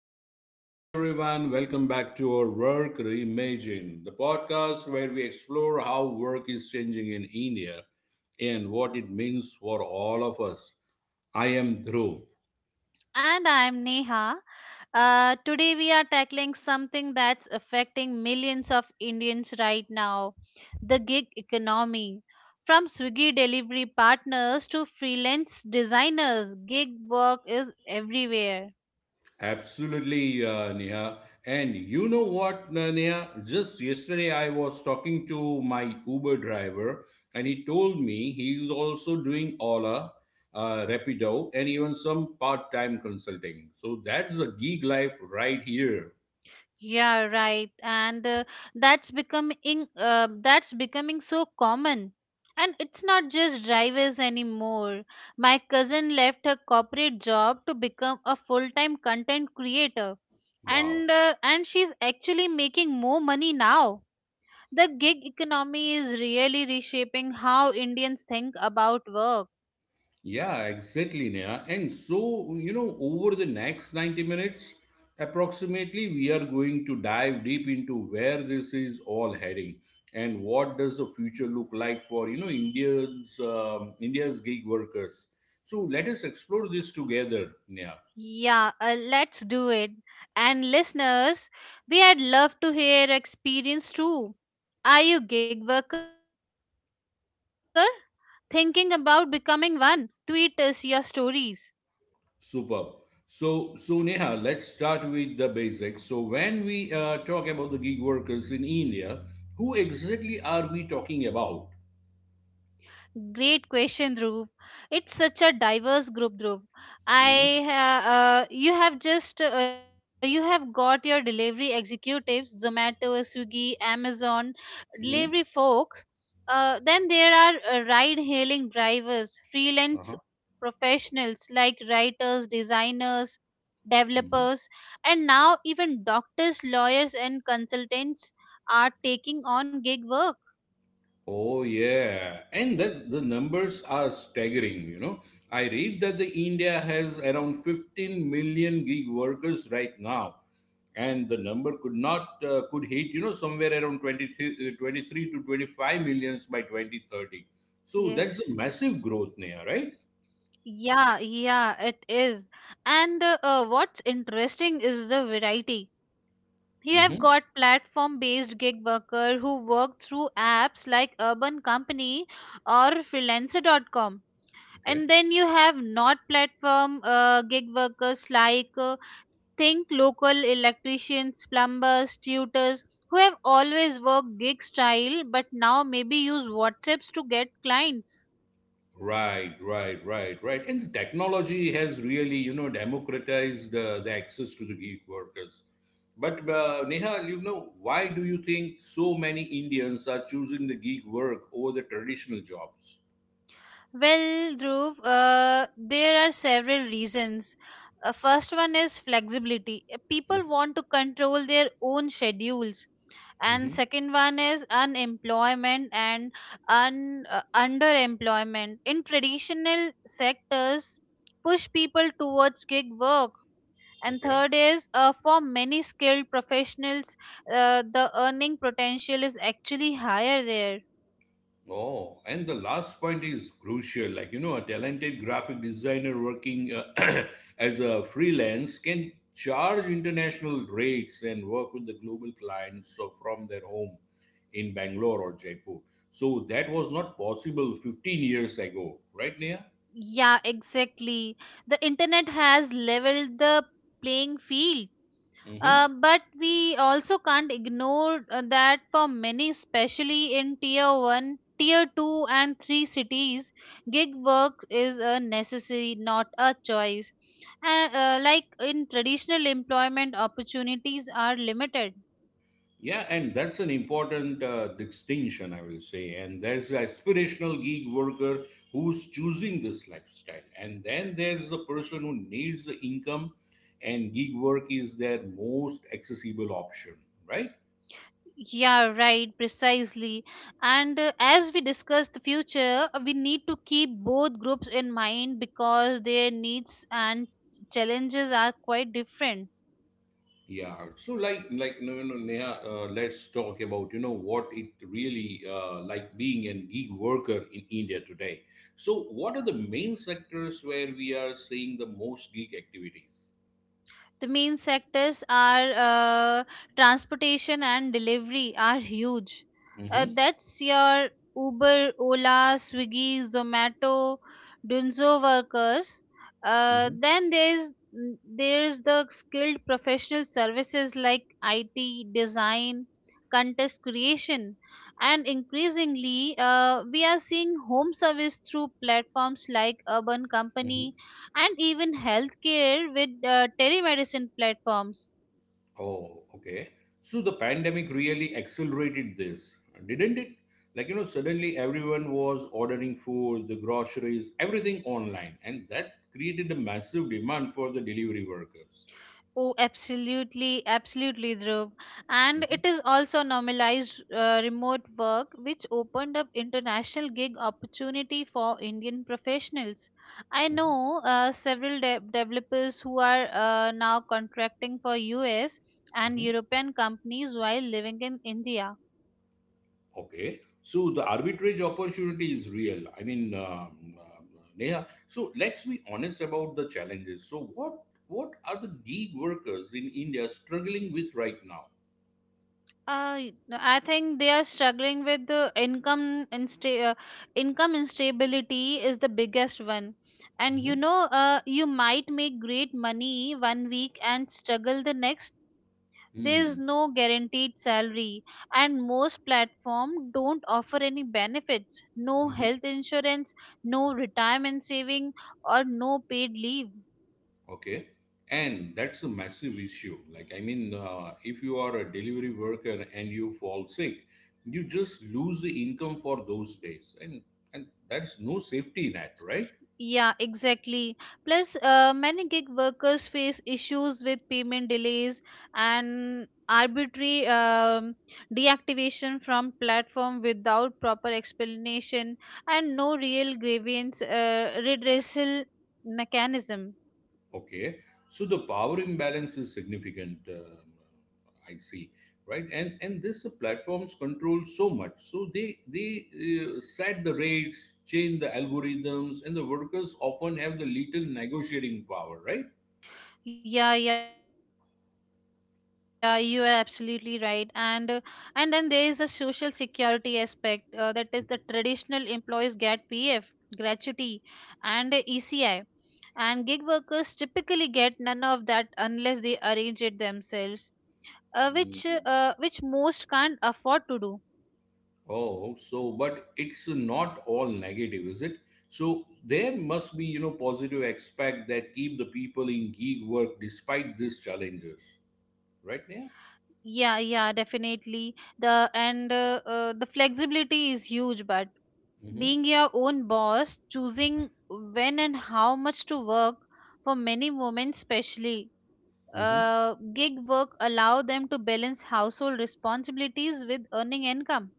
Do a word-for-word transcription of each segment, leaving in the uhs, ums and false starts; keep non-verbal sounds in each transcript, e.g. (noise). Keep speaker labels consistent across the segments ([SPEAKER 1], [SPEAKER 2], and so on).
[SPEAKER 1] hello, hello, everyone. Welcome back to our Work Reimagine, the podcast where we explore how work is changing in India and what it means for all of us. I am Dhruv.
[SPEAKER 2] And I'm Neha. Uh, today we are tackling something that's affecting millions of Indians right now, the gig economy. From Swiggy delivery partners to freelance designers, gig work is everywhere.
[SPEAKER 1] Absolutely, uh, Neha. And you know what, uh, Neha? Just yesterday, I was talking to my Uber driver, and he told me he is also doing Ola, uh, Rapido, and even some part time consulting. So that's a gig life right here.
[SPEAKER 2] Yeah, right. And uh, that's becoming uh, that's becoming so common. And it's not just drivers anymore. My cousin left her corporate job to become a full-time content creator.
[SPEAKER 1] Wow.
[SPEAKER 2] And uh, and she's actually making more money now. The gig economy is really reshaping how Indians think about work.
[SPEAKER 1] Yeah, exactly, Neha. And so, you know, over the next ninety minutes, approximately, we are going to dive deep into where this is all heading and what does the future look like for, you know, India's um, India's gig workers. So let us explore this together, Neha.
[SPEAKER 2] Yeah, uh, let's do it. And listeners, we had love to hear experience too. Are you gig worker? Thinking about becoming one? Tweet us your stories.
[SPEAKER 1] Superb. So, so Neha, let's start with the basics. So when we uh, talk about the gig workers in India, who exactly are we talking about?
[SPEAKER 2] Great question, Dhruv. It's such a diverse group, Dhruv.
[SPEAKER 1] Mm-hmm.
[SPEAKER 2] I ha- uh, you have just uh, you have got your delivery executives, Zomato, Swiggy, Amazon, delivery
[SPEAKER 1] Mm-hmm.
[SPEAKER 2] folks. Uh, then there are uh, ride-hailing drivers, freelance
[SPEAKER 1] Uh-huh.
[SPEAKER 2] professionals like writers, designers,
[SPEAKER 1] Mm-hmm.
[SPEAKER 2] developers, and now even doctors, lawyers, and consultants are taking on gig work.
[SPEAKER 1] Oh, yeah. And that the numbers are staggering, you know. I read that the India has around fifteen million gig workers right now. And the number could not, uh, could hit, you know, somewhere around twenty-three, uh, twenty-three to twenty-five millions by twenty thirty. So that's a
[SPEAKER 2] Yes.
[SPEAKER 1] massive growth, Neha, right?
[SPEAKER 2] Yeah, yeah, it is. And uh, uh, what's interesting is the variety. You have
[SPEAKER 1] Mm-hmm.
[SPEAKER 2] got platform-based gig worker who work through apps like Urban Company or freelancer dot com.
[SPEAKER 1] Okay.
[SPEAKER 2] And then you have not platform uh, gig workers like uh, think local electricians, plumbers, tutors who have always worked gig style but now maybe use WhatsApps to get clients.
[SPEAKER 1] Right, right, right, right. And the technology has really, you know, democratized uh, the access to the gig workers. But uh, Nehal, you know, why do you think so many Indians are choosing the gig work over the traditional jobs?
[SPEAKER 2] Well, Dhruv, uh, there are several reasons. Uh, first one is flexibility. Uh, People want to control their own schedules. And
[SPEAKER 1] Mm-hmm.
[SPEAKER 2] second one is unemployment and un, uh, underemployment. In traditional sectors, push people towards gig work. And
[SPEAKER 1] Okay.
[SPEAKER 2] third is uh, for many skilled professionals, uh, the earning potential is actually higher there.
[SPEAKER 1] Oh, and the last point is crucial. Like, you know, a talented graphic designer working uh, (clears throat) as a freelance can charge international rates and work with the global clients so from their home in Bangalore or Jaipur. So that was not possible fifteen years ago, right, Nia?
[SPEAKER 2] Yeah, exactly. The internet has leveled the playing field. Uh, but we also can't ignore uh, that for many, especially in tier one, tier two, and three cities, gig work is a necessary, not a choice. Uh, uh, like in traditional employment, opportunities are limited.
[SPEAKER 1] Yeah, and that's an important uh, distinction, I will say. And there's the aspirational gig worker who's choosing this lifestyle. And then there's the person who needs the income, and gig work is their most accessible option, right?
[SPEAKER 2] Yeah, right, precisely. And uh, as we discuss the future, uh, we need to keep both groups in mind because their needs and challenges are quite different.
[SPEAKER 1] Yeah. So, like, like, no, no, no, Neha, uh, let's talk about, you know, what it really uh, like being a gig worker in India today. So, what are the main sectors where we are seeing the most gig activities?
[SPEAKER 2] The main sectors are uh, transportation and delivery are huge. Uh,
[SPEAKER 1] Mm-hmm.
[SPEAKER 2] that's your Uber, Ola, Swiggy, Zomato, Dunzo workers. Uh, then there's mm, there's the skilled professional services like I T, design, contest creation, and increasingly uh, we are seeing home service through platforms like Urban
[SPEAKER 1] Mm-hmm.
[SPEAKER 2] Company, and even healthcare with uh, telemedicine platforms.
[SPEAKER 1] Oh, okay. So the pandemic really accelerated this, didn't it? Like, you know, suddenly everyone was ordering food, the groceries, everything online, and that created a massive demand for the delivery workers.
[SPEAKER 2] Oh, absolutely, absolutely, Dhruv. And
[SPEAKER 1] Mhm,
[SPEAKER 2] it is also normalized uh, remote work, which opened up international gig opportunity for Indian professionals. I
[SPEAKER 1] mhm,
[SPEAKER 2] know uh, several de- developers who are uh, now contracting for U S and
[SPEAKER 1] mhm.
[SPEAKER 2] European companies while living in India.
[SPEAKER 1] Okay. So the arbitrage opportunity is real. I mean, um, um, Neha, so let's be honest about the challenges. So what what are the gig workers in India struggling with right now?
[SPEAKER 2] Uh, y- no, I think they are struggling with the income insta- uh, income instability is the biggest one. And you know, uh, you might make great money one week and struggle the next.
[SPEAKER 1] Mm-hmm.
[SPEAKER 2] There's no guaranteed salary, and most platform don't offer any benefits, no health insurance, no retirement saving, or no paid leave.
[SPEAKER 1] Okay. And that's a massive issue. Like, I mean, uh, if you are a delivery worker and you fall sick, you just lose the income for those days. And, and that's no safety net, right?
[SPEAKER 2] Yeah, exactly. Plus, uh, many gig workers face issues with payment delays and arbitrary um, deactivation from platform without proper explanation and no real grievance uh, redressal mechanism.
[SPEAKER 1] Okay. So the power imbalance is significant. Um, I see. Right. And, and this uh, platforms control so much. So they, they uh, set the rates, change the algorithms, and the workers often have the little negotiating power, right?
[SPEAKER 2] Yeah, yeah, you are absolutely right. And uh, and then there is a social security aspect uh, that is the traditional employees get P F, gratuity, and E C I, and gig workers typically get none of that unless they arrange it themselves, uh, which uh,
[SPEAKER 1] Mm.
[SPEAKER 2] which most can't afford to do.
[SPEAKER 1] Oh, so but it's not all negative, is it? So there must be, you know, positive aspect that keep the people in gig work despite these challenges, right? Yeah.
[SPEAKER 2] Yeah yeah definitely. The and uh, uh, the flexibility is huge, but
[SPEAKER 1] Mm-hmm.
[SPEAKER 2] being your own boss, choosing when and how much to work. For many women especially,
[SPEAKER 1] Mm-hmm.
[SPEAKER 2] uh, gig work allow them to balance household responsibilities with earning income.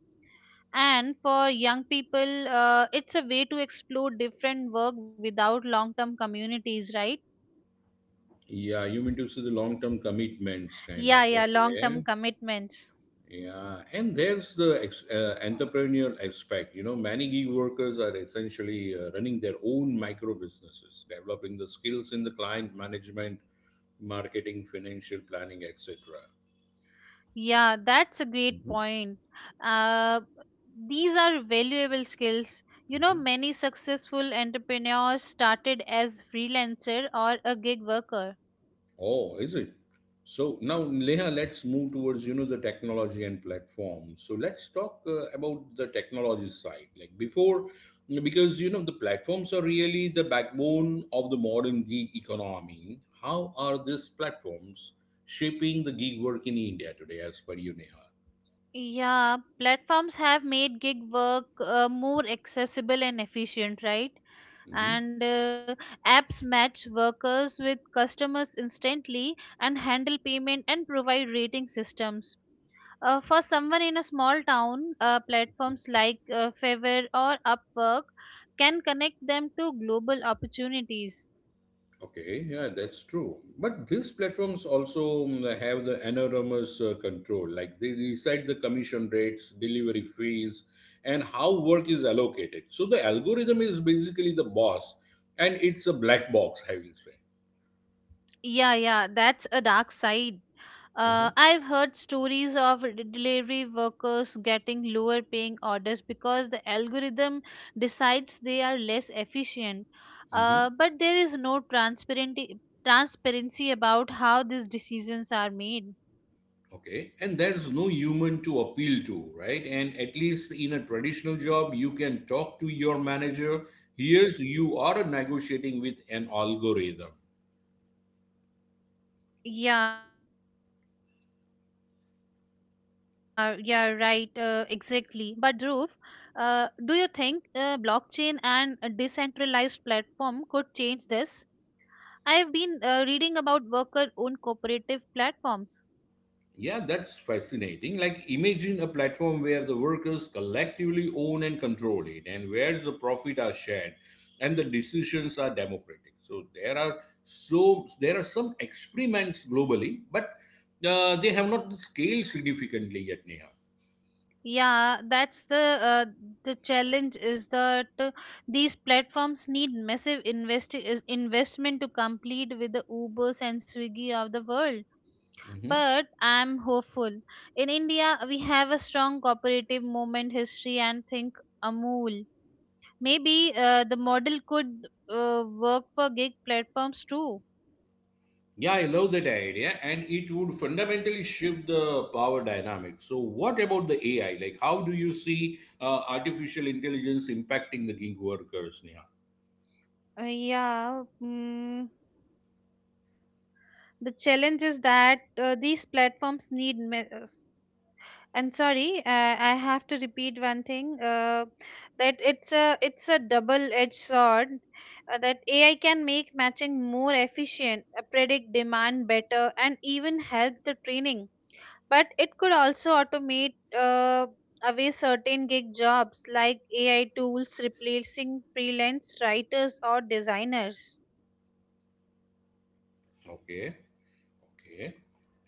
[SPEAKER 2] And for young people, uh, it's a way to explore different work without long term communities, right?
[SPEAKER 1] Yeah, you mean to say the long-term commitments, kind of.
[SPEAKER 2] Yeah, yeah, long
[SPEAKER 1] Okay.
[SPEAKER 2] term commitments.
[SPEAKER 1] Yeah, and there's the ex- uh, entrepreneurial aspect. You know, many gig workers are essentially uh, running their own micro businesses, developing the skills in the client management, marketing, financial planning, et cetera.
[SPEAKER 2] Yeah, that's a great point. uh, these are valuable skills. You know,
[SPEAKER 1] Mhm.
[SPEAKER 2] many successful entrepreneurs started as freelancer or a gig worker.
[SPEAKER 1] Oh, is it? So now, Leha, let's move towards you know the technology and platforms. So let's talk uh, about the technology side. Like before, because you know the platforms are really the backbone of the modern gig economy. How are these platforms shaping the gig work in India today, as per you, Neha?
[SPEAKER 2] Yeah, platforms have made gig work uh, more accessible and efficient, right?
[SPEAKER 1] Mm-hmm.
[SPEAKER 2] And uh, apps match workers with customers instantly and handle payment and provide rating systems. Uh, for someone in a small town, uh, platforms like uh, favor or upwork can connect them to global opportunities.
[SPEAKER 1] Okay, yeah, that's true. But these platforms also mm, have the enormous uh, control. Like they decide the commission rates, delivery fees, and how work is allocated. So the algorithm is basically the boss, and it's a black box, I will say.
[SPEAKER 2] Yeah yeah that's a dark side.
[SPEAKER 1] Mm-hmm.
[SPEAKER 2] Uh, I've heard stories of de- delivery workers getting lower paying orders because the algorithm decides they are less efficient. Uh,
[SPEAKER 1] Mm-hmm.
[SPEAKER 2] but there is no transparency transparency about how these decisions are made.
[SPEAKER 1] Okay, and there's no human to appeal to, right? And at least in a traditional job, you can talk to your manager. Here's you are negotiating with an algorithm.
[SPEAKER 2] Yeah, yeah, right, uh, exactly. But Dhruv, uh, do you think uh, blockchain and a decentralized platform could change this? I have been uh, reading about worker-owned cooperative platforms.
[SPEAKER 1] Yeah, that's fascinating. Like, imagine a platform where the workers collectively own and control it, and where the profit are shared, and the decisions are democratic. So there are so there are some experiments globally, but uh, they have not scaled significantly yet, Neha.
[SPEAKER 2] Yeah, that's the uh, the challenge is that uh, these platforms need massive investi- is- investment to compete with the Ubers and Swiggy of the world.
[SPEAKER 1] Mhm.
[SPEAKER 2] But I'm hopeful. In India, we have a strong cooperative movement history and think Amul. Maybe uh, the model could uh, work for gig platforms too.
[SPEAKER 1] Yeah, I love that idea, and it would fundamentally shift the power dynamic. So, what about the A I? Like, how do you see uh, artificial intelligence impacting the gig workers, Neha?
[SPEAKER 2] Uh, yeah, mm, The challenge is that uh, these platforms need. Me- uh, s- I'm sorry, uh, I have to repeat one thing. Uh, that it's a it's a double-edged sword. uh, that A I can make matching more efficient, uh, predict demand better, and even help the training. But it could also automate uh, away certain gig jobs like A I tools replacing freelance writers or designers.
[SPEAKER 1] Okay. Okay.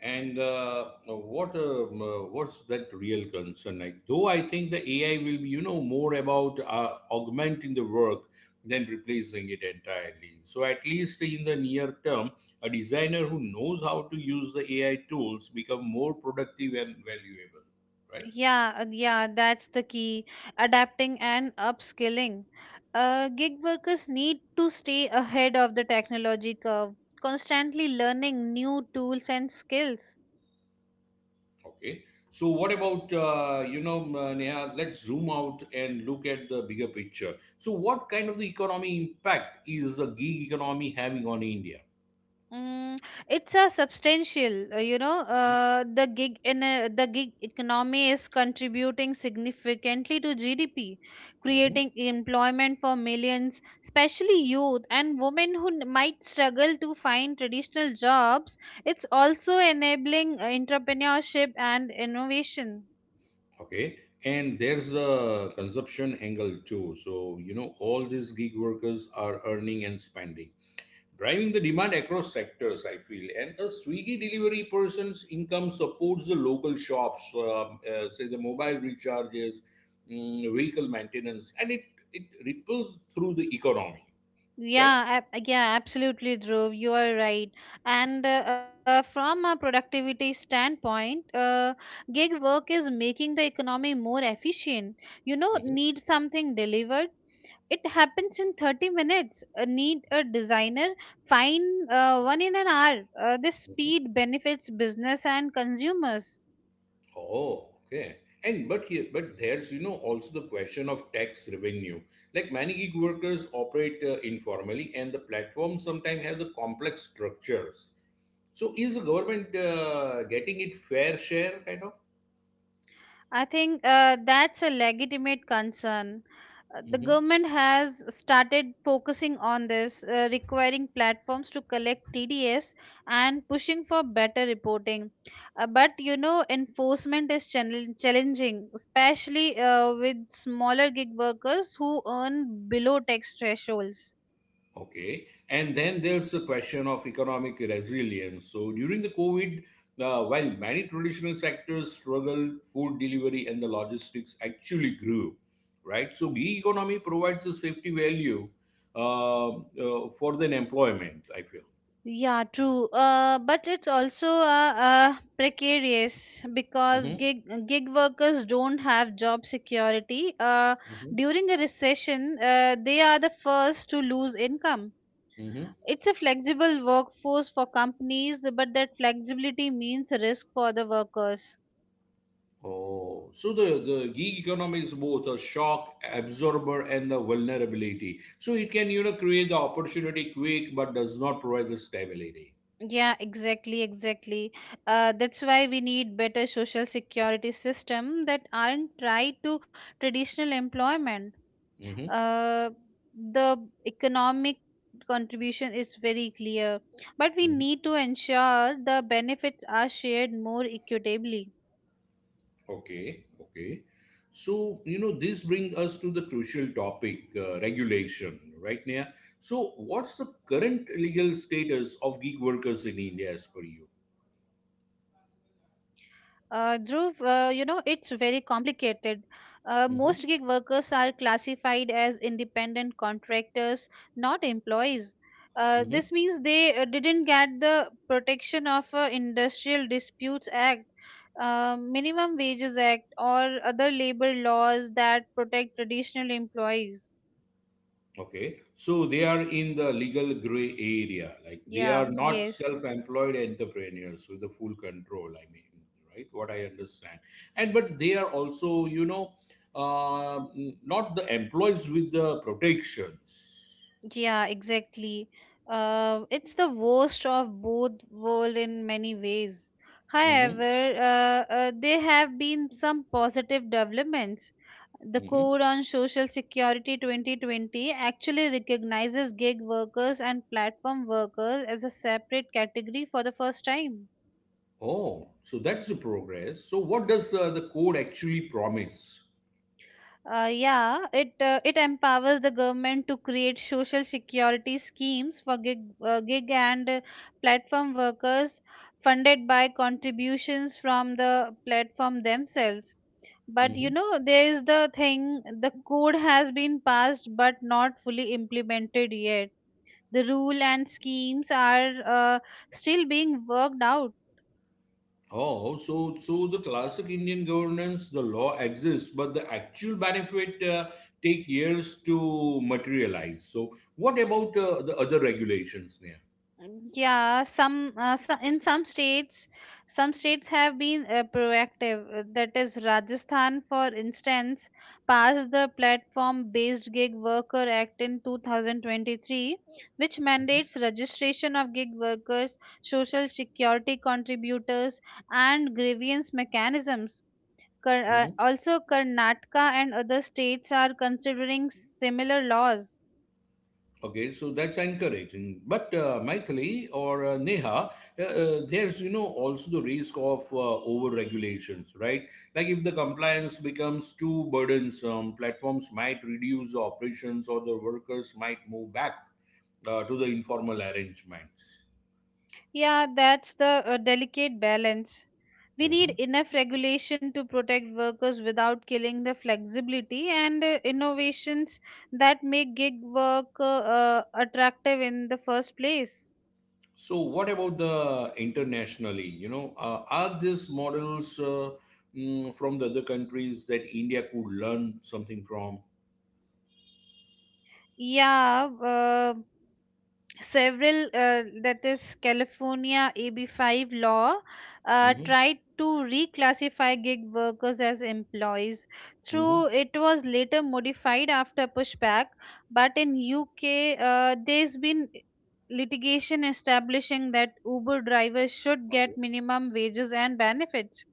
[SPEAKER 1] And uh, what um, uh, what's that real concern? Like, though I think the A I will be, you know, more about uh, augmenting the work than replacing it entirely. So at least in the near term, a designer who knows how to use the A I tools become more productive and valuable, right?
[SPEAKER 2] Yeah, uh, yeah, that's the key. Adapting and upskilling. Uh, gig workers need to stay ahead of the technology curve, constantly learning new tools and skills.
[SPEAKER 1] Okay. So what about uh, you know, uh, Neha? Let's zoom out and look at the bigger picture. So what kind of the economy impact is the gig economy having on India?
[SPEAKER 2] Mm, it's a substantial, uh, you know, uh, the gig in a, the gig economy is contributing significantly to G D P,
[SPEAKER 1] Mhm.
[SPEAKER 2] creating employment for millions, especially youth and women who n- might struggle to find traditional jobs. It's also enabling uh, entrepreneurship and innovation.
[SPEAKER 1] Okay. And there's a consumption angle too. So, you know, all these gig workers are earning and spending, driving the demand across sectors, I feel. And a Swiggy delivery person's income supports the local shops, um, uh, say the mobile recharges, mm, vehicle maintenance, and it, it ripples through the economy, right?
[SPEAKER 2] Yeah, ab- yeah, absolutely, Dhruv. You are right. And uh, uh, from a productivity standpoint, uh, gig work is making the economy more efficient. You know,
[SPEAKER 1] Mhm.
[SPEAKER 2] need something delivered. It happens in thirty minutes. Uh, need a designer, find uh, one in an hour. Uh, this speed benefits business and consumers.
[SPEAKER 1] Oh, okay. And but here, but there's you know also the question of tax revenue. Like many gig workers operate uh, informally, and the platforms sometimes have the complex structures. So is the government uh, getting it fair share kind of?
[SPEAKER 2] I think uh, that's a legitimate concern. Uh, The
[SPEAKER 1] Mm-hmm.
[SPEAKER 2] government has started focusing on this, uh, requiring platforms to collect T D S and pushing for better reporting. Uh, but you know, enforcement is channel- challenging, especially uh, with smaller gig workers who earn below tax thresholds.
[SPEAKER 1] Okay. And then there's the question of economic resilience. So during the COVID, uh, while many traditional sectors struggled, food delivery and the logistics actually grew, right? So gig economy provides a safety value uh, uh, for the employment, I feel.
[SPEAKER 2] Yeah, true. Uh, but it's also uh, uh, precarious because
[SPEAKER 1] Mm-hmm.
[SPEAKER 2] gig gig workers don't have job security. Uh,
[SPEAKER 1] Mm-hmm.
[SPEAKER 2] during a recession, uh, they are the first to lose income.
[SPEAKER 1] Hmm.
[SPEAKER 2] It's a flexible workforce for companies, but that flexibility means risk for the workers.
[SPEAKER 1] Oh, so the, the gig economy is both a shock absorber and a vulnerability. So it can, you know, create the opportunity quick, but does not provide the stability.
[SPEAKER 2] Yeah, exactly, exactly. Uh, that's why we need better social security system that aren't tied to traditional employment.
[SPEAKER 1] Mm-hmm.
[SPEAKER 2] Uh, the economic contribution is very clear, but we need to ensure the benefits are shared more equitably.
[SPEAKER 1] Okay, okay. So, you know, this brings us to the crucial topic, uh, regulation, right, Neha? So, what's the current legal status of gig workers in India as per you?
[SPEAKER 2] Uh, Dhruv, uh, you know, it's very complicated. Uh, most gig
[SPEAKER 1] Hmm.
[SPEAKER 2] workers are classified as independent contractors, not employees. Uh, this
[SPEAKER 1] Hmm.
[SPEAKER 2] means they uh, didn't get the protection of uh, Industrial Disputes Act, uh, Minimum Wages Act, or other labor laws that protect traditional employees.
[SPEAKER 1] Okay, so they are in the legal gray area, like they
[SPEAKER 2] Yeah,
[SPEAKER 1] are not
[SPEAKER 2] yes.
[SPEAKER 1] self-employed entrepreneurs with the full control. I mean, right? What I understand, and but they are also, you know, uh, not the employees with the protections.
[SPEAKER 2] Yeah, exactly. Uh, it's the worst of both world in many ways.
[SPEAKER 1] Hmm.
[SPEAKER 2] However, uh, uh, there have been some positive developments. The Code on Social Security twenty twenty actually recognizes gig workers and platform workers as a separate category for the first time.
[SPEAKER 1] Oh, so that's the progress. So what does uh, the code actually promise?
[SPEAKER 2] Uh, yeah, it uh, it empowers the government to create social security schemes for gig, uh, gig and uh, platform workers funded by contributions from the platform themselves. But you
[SPEAKER 1] Mhm.
[SPEAKER 2] know, there is the thing, the code has been passed but not fully implemented yet. The rule and schemes are uh, still being worked out.
[SPEAKER 1] Oh, so so the classic Indian governance, the law exists, but the actual benefit uh, take years to materialize. So what about uh, the other regulations there?
[SPEAKER 2] Yeah some, uh, so- in some states, some states have been uh, proactive. Uh, that is Rajasthan, for instance, passed the Platform Based Gig Worker Act in two thousand twenty-three, which
[SPEAKER 1] Mhm.
[SPEAKER 2] mandates registration of gig workers, social security contributors, and grievance mechanisms. Kar- uh,
[SPEAKER 1] Mhm.
[SPEAKER 2] also karnataka and other states are considering similar laws.
[SPEAKER 1] Okay, so that's encouraging. But uh, Maithili or uh, Neha, uh, uh, there's you know also the risk of uh, over regulations, right? Like if the compliance becomes too burdensome, platforms might reduce the operations or the workers might move back uh, to the informal arrangements.
[SPEAKER 2] Yeah, that's the uh, delicate balance. We need
[SPEAKER 1] Mhm.
[SPEAKER 2] enough regulation to protect workers without killing the flexibility and uh, innovations that make gig work uh, uh, attractive in the first place.
[SPEAKER 1] So what about the internationally? You know, uh, are these models uh, mm, from the other countries that India could learn something from?
[SPEAKER 2] Yeah, uh, several uh, that is California A B five law, uh,
[SPEAKER 1] Hmm.
[SPEAKER 2] tried to reclassify gig workers as employees
[SPEAKER 1] Hmm.
[SPEAKER 2] through it was later modified after pushback. But in UK, uh, there's been litigation establishing that Uber drivers should get minimum wages and benefits.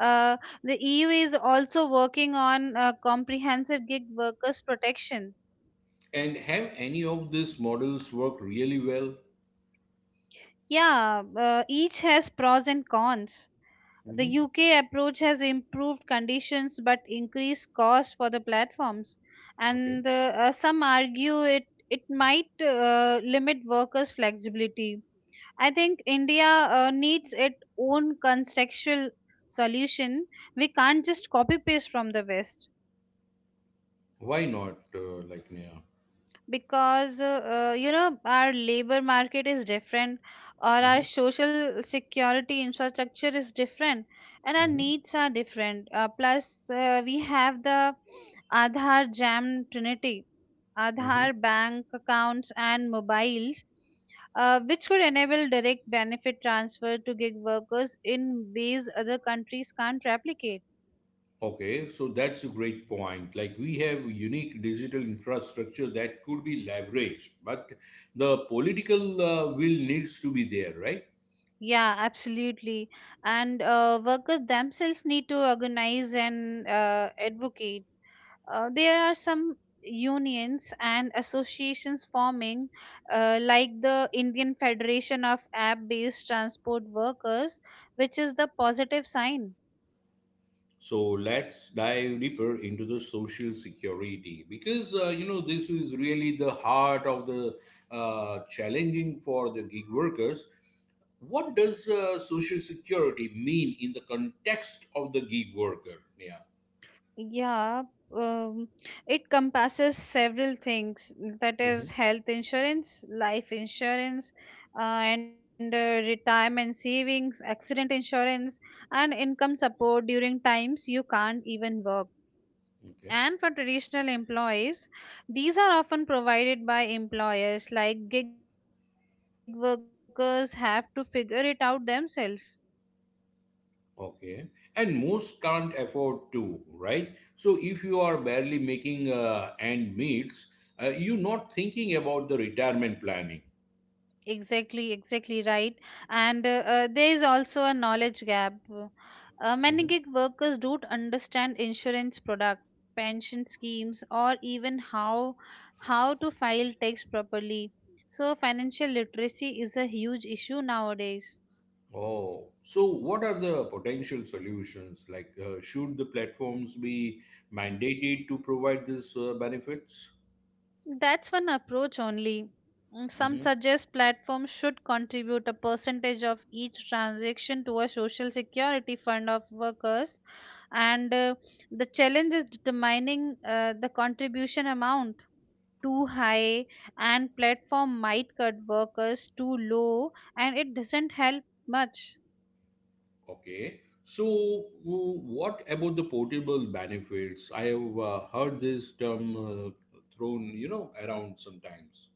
[SPEAKER 2] Uh, the EU is also working on uh, comprehensive gig workers protection.
[SPEAKER 1] And have any of these models worked really well?
[SPEAKER 2] Yeah, uh, each has pros and cons. The
[SPEAKER 1] Hmm.
[SPEAKER 2] U K approach has improved conditions but increased cost for the platforms,
[SPEAKER 1] Okay.
[SPEAKER 2] and uh, uh, some argue it it might uh, limit workers' flexibility. I think India uh, needs its own contextual solution. We can't just copy paste from the West.
[SPEAKER 1] Why not? Uh, like, Neha.
[SPEAKER 2] Because uh, uh, you know our labor market is different or our
[SPEAKER 1] Hmm.
[SPEAKER 2] social security infrastructure is different, and our
[SPEAKER 1] Hmm.
[SPEAKER 2] needs are different. Uh, plus uh, we have the Aadhaar Jam Trinity,
[SPEAKER 1] Mm-hmm.
[SPEAKER 2] Aadhaar bank accounts and mobiles, uh, which could enable direct benefit transfer to gig workers in ways other countries can't replicate.
[SPEAKER 1] Okay, so that's a great point. Like we have unique digital infrastructure that could be leveraged, but the political uh, will needs to be there, right?
[SPEAKER 2] Yeah, absolutely. And uh, workers themselves need to organize and uh, advocate. Uh, there are some unions and associations forming, uh, like the Indian Federation of App Based Transport Workers, which is the positive sign.
[SPEAKER 1] So let's dive deeper into the social security because uh, you know this is really the heart of the uh, challenging for the gig workers. What does uh, social security mean in the context of the gig worker? Yeah.
[SPEAKER 2] Yeah. um, it compasses several things, mm, that
[SPEAKER 1] Mhm.
[SPEAKER 2] is, health insurance, life insurance, uh, and uh, retirement savings, accident insurance, and income support during times you can't even work.
[SPEAKER 1] Okay.
[SPEAKER 2] And for traditional employees, these are often provided by employers, like gig workers have to figure it out themselves.
[SPEAKER 1] Okay. And most can't afford to, right? So if you are barely making uh, end meets, uh, you're not thinking about the retirement planning.
[SPEAKER 2] Exactly, exactly right. And uh, uh, there is also a knowledge gap. Uh, many gig workers don't understand insurance product, pension schemes, or even how how to file tax properly. So financial literacy is a huge issue nowadays.
[SPEAKER 1] Oh, so what are the potential solutions? Like, uh, should the platforms be mandated to provide these uh, benefits?
[SPEAKER 2] That's one approach only. Mm, Some
[SPEAKER 1] Hmm.
[SPEAKER 2] suggest platforms should contribute a percentage of each transaction to a social security fund of workers, and uh, the challenge is determining uh, the contribution amount. Too high, and platform might cut workers. Too low, and it doesn't help much.
[SPEAKER 1] Okay. So, w- what about the portable benefits? I have uh, heard this term uh, thrown, you know, around sometimes.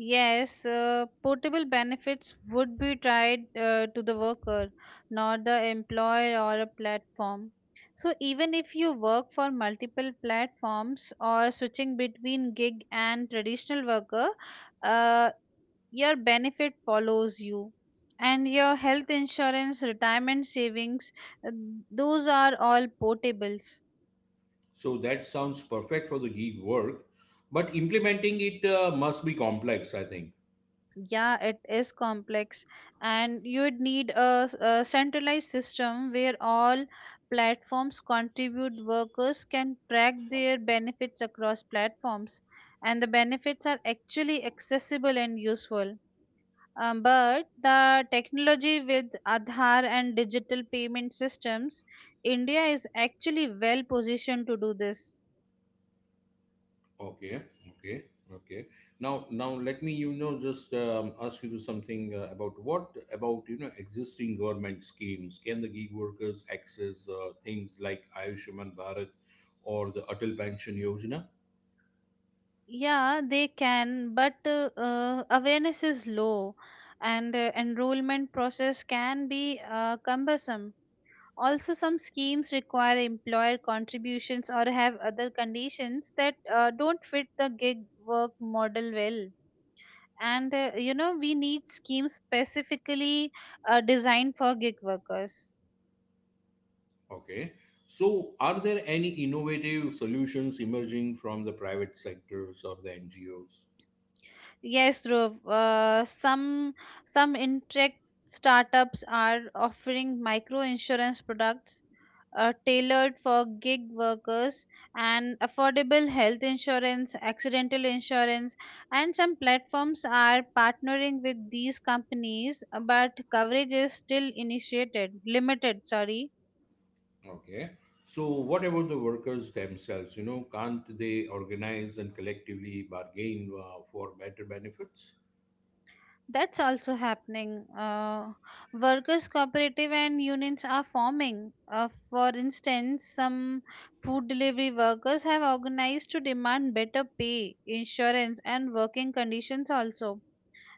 [SPEAKER 2] Yes, uh, portable benefits would be tied uh, to the worker, not the employer or a platform. So, even if you work for multiple platforms or switching between gig and traditional worker, uh, your benefit follows you. And your health insurance, retirement savings, uh, those are all portables.
[SPEAKER 1] So that sounds perfect for the gig work, but implementing it uh, must be complex, I think.
[SPEAKER 2] Yeah, it is complex, and you would need a, s- a centralized system where all platforms contribute. Workers can track their benefits across platforms, and the benefits are actually accessible and useful. Um, but the technology with Aadhaar and digital payment systems, India is actually well positioned to do this.
[SPEAKER 1] Okay, okay, okay. Now, now let me, you know, just um, ask you something uh, about what about, you know, existing government schemes. Can the gig workers access uh, things like Ayushman Bharat or the Atal Pension Yojana?
[SPEAKER 2] Yeah, they can, but uh, uh, awareness is low and uh, enrollment process can be uh, cumbersome. Also, some schemes require employer contributions or have other conditions that uh, don't fit the gig work model well. And uh, you know, we need schemes specifically uh, designed for gig workers.
[SPEAKER 1] Okay. So, are there any innovative solutions emerging from the private sectors or the N G Os?
[SPEAKER 2] Yes, Dhruv, uh, some some intrect startups are offering micro insurance products uh, tailored for gig workers, and affordable health insurance, accidental insurance, and some platforms are partnering with these companies, uh, but coverage is still initiated, limited, sorry.
[SPEAKER 1] Okay. So, what about the workers themselves? You know, can't they organize and collectively bargain uh, for better benefits?
[SPEAKER 2] That's also happening. Uh, workers' cooperative and unions are forming. Uh, for instance, some food delivery workers have organized to demand better pay, insurance, and working conditions also,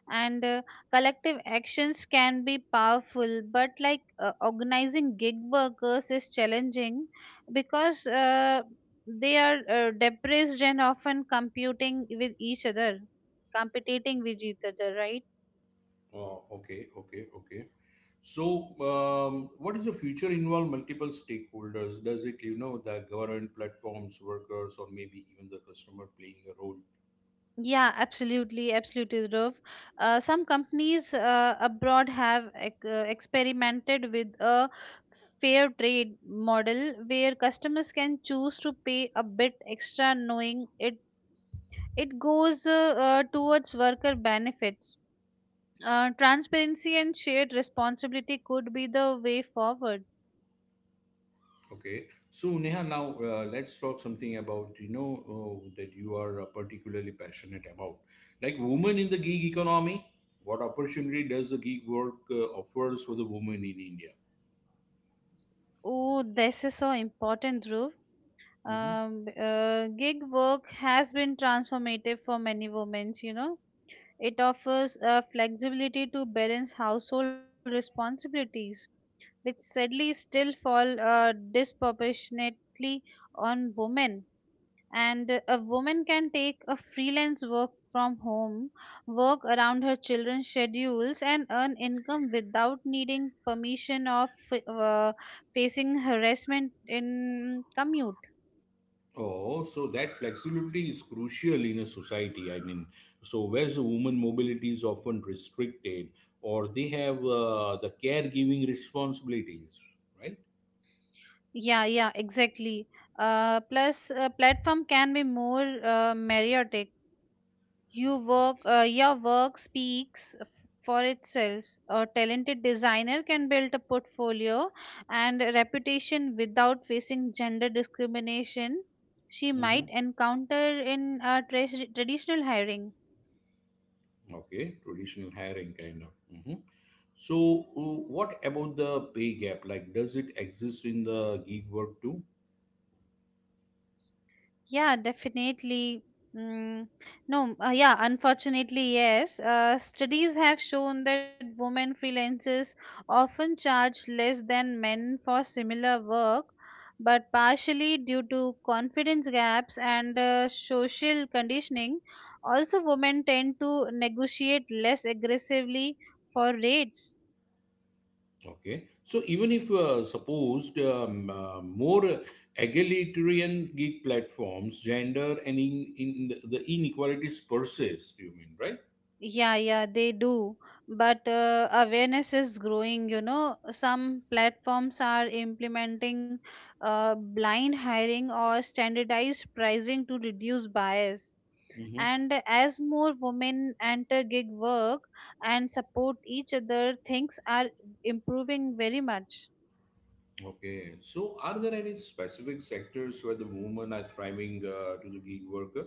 [SPEAKER 2] and uh, collective actions can be powerful, but like uh, organizing gig workers is challenging because uh, they are uh, depressed and often computing with each other, competing with each other, right?
[SPEAKER 1] Oh, okay, okay, okay. So, um, what is the future involve multiple stakeholders? Does it, you know, the government platforms, workers, or maybe even the customer playing a role?
[SPEAKER 2] Yeah, absolutely, absolutely, Dhruv. Uh, some companies uh, abroad have ec- uh, experimented with a fair trade model where customers can choose to pay a bit extra, knowing it, it goes uh, uh, towards worker benefits. Uh, transparency and shared responsibility could be the way forward.
[SPEAKER 1] Okay. So, Neha, now uh, let's talk something about, you know, uh, that you are uh, particularly passionate about, like women in the gig economy. What opportunity does the gig work uh, offers for the women in India?
[SPEAKER 2] Oh, this is so important, Dhruv.
[SPEAKER 1] Mm-hmm.
[SPEAKER 2] Um, uh, gig work has been transformative for many women, you know. It offers uh, flexibility to balance household responsibilities, which sadly still fall uh, disproportionately on women, and a woman can take a freelance work from home, work around her children's schedules, and earn income without needing permission of uh, facing harassment in commute.
[SPEAKER 1] Oh, so that flexibility is crucial in a society. I mean, so whereas a woman mobility is often restricted, or they have uh, the caregiving responsibilities, right?
[SPEAKER 2] Yeah, yeah, exactly. Uh, plus uh, platform can be more uh, meriotic. You work, uh, your work speaks f- for itself. A talented designer can build a portfolio and a reputation without facing gender discrimination she
[SPEAKER 1] Hmm.
[SPEAKER 2] might encounter in a tra- traditional hiring.
[SPEAKER 1] Okay, traditional hiring kind of. Hmm. So, uh, what about the pay gap? Like, does it exist in the gig work too?
[SPEAKER 2] Yeah, definitely. Mm, no, uh, yeah, unfortunately, yes. Uh, studies have shown that women freelancers often charge less than men for similar work, but partially due to confidence gaps and uh, social conditioning. Also, women tend to negotiate less aggressively for rates.
[SPEAKER 1] Okay. So even if uh, supposed um, uh, more egalitarian gig platforms, gender and in, in the the inequalities persist, you mean, right?
[SPEAKER 2] Yeah, yeah, they do. But uh, awareness is growing, you know. Some platforms are implementing uh, blind hiring or standardized pricing to reduce bias.
[SPEAKER 1] Hmm.
[SPEAKER 2] And as more women enter gig work and support each other, things are improving very much.
[SPEAKER 1] Okay. So are there any specific sectors where the women are thriving uh, to the gig worker?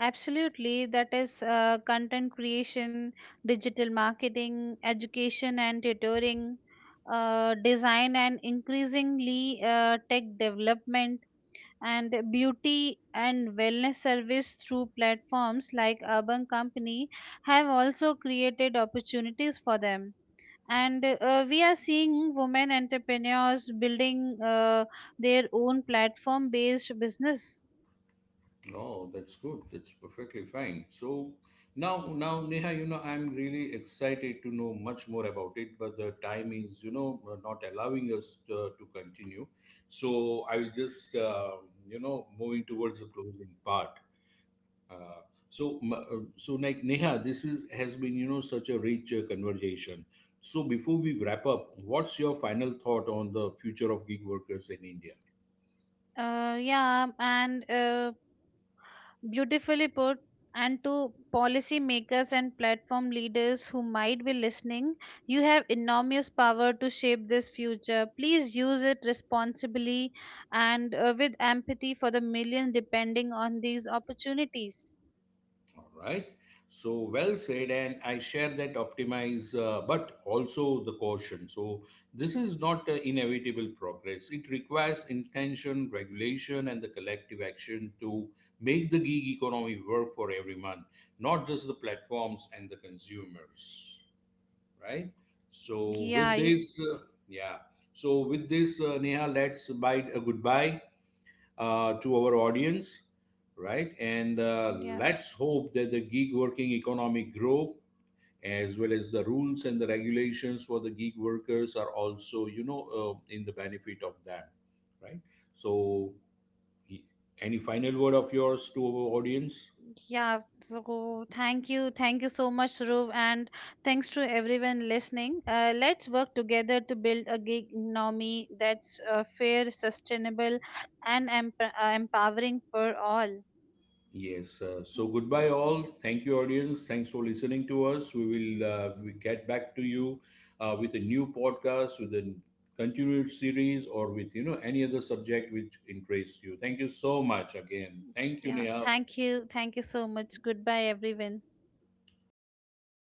[SPEAKER 2] Absolutely. That is uh, content creation, digital marketing, education and tutoring, uh, design, and increasingly uh, tech development, and beauty and wellness service through platforms like Urban Company have also created opportunities for them. And uh, we are seeing women entrepreneurs building uh, their own platform based business.
[SPEAKER 1] No, that's good. That's perfectly fine. So now, now Neha, you know, I'm really excited to know much more about it, but the time is, you know, uh, not allowing us to, to continue. So I will just, uh, you know, moving towards the closing part. Uh, so, m- uh, so like Neha, this is has been, you know, such a rich uh, conversation. So before we wrap up, what's your final thought on the future of gig workers in India?
[SPEAKER 2] Uh, yeah, and uh, Beautifully put. And to policymakers and platform leaders who might be listening, you have enormous power to shape this future. Please use it responsibly and uh, with empathy for the millions depending on these opportunities.
[SPEAKER 1] All right. So well said, and I share that optimize, uh, but also the caution. So this is not uh, inevitable progress. It requires intention, regulation, and the collective action to make the gig economy work for everyone, not just the platforms and the consumers. Right.
[SPEAKER 2] Yeah,
[SPEAKER 1] So
[SPEAKER 2] y-
[SPEAKER 1] with this, uh, yeah. So with this, uh, Neha, let's bid a goodbye uh, to our audience, right? And uh,
[SPEAKER 2] yeah.
[SPEAKER 1] let's hope that the gig working economy grow as well as the rules and the regulations for the gig workers are also, you know, uh, in the benefit of them, right? So, y- any final word of yours to our audience?
[SPEAKER 2] Yeah, so thank you. Thank you so much, Dhruv, and thanks to everyone listening. Uh, let's work together to build a gig economy that's uh, fair, sustainable, and emp- uh, empowering for all.
[SPEAKER 1] Yes. Uh, so
[SPEAKER 2] Mm.
[SPEAKER 1] goodbye, all. Thank you, audience. Thanks for listening to us. We will uh, we get back to you uh, with a new podcast, with a continued series, or with you know any other subject which interests you. Thank you so much again. Thank you,
[SPEAKER 2] Yeah,
[SPEAKER 1] Neha.
[SPEAKER 2] thank you. Thank you so much. Goodbye, everyone.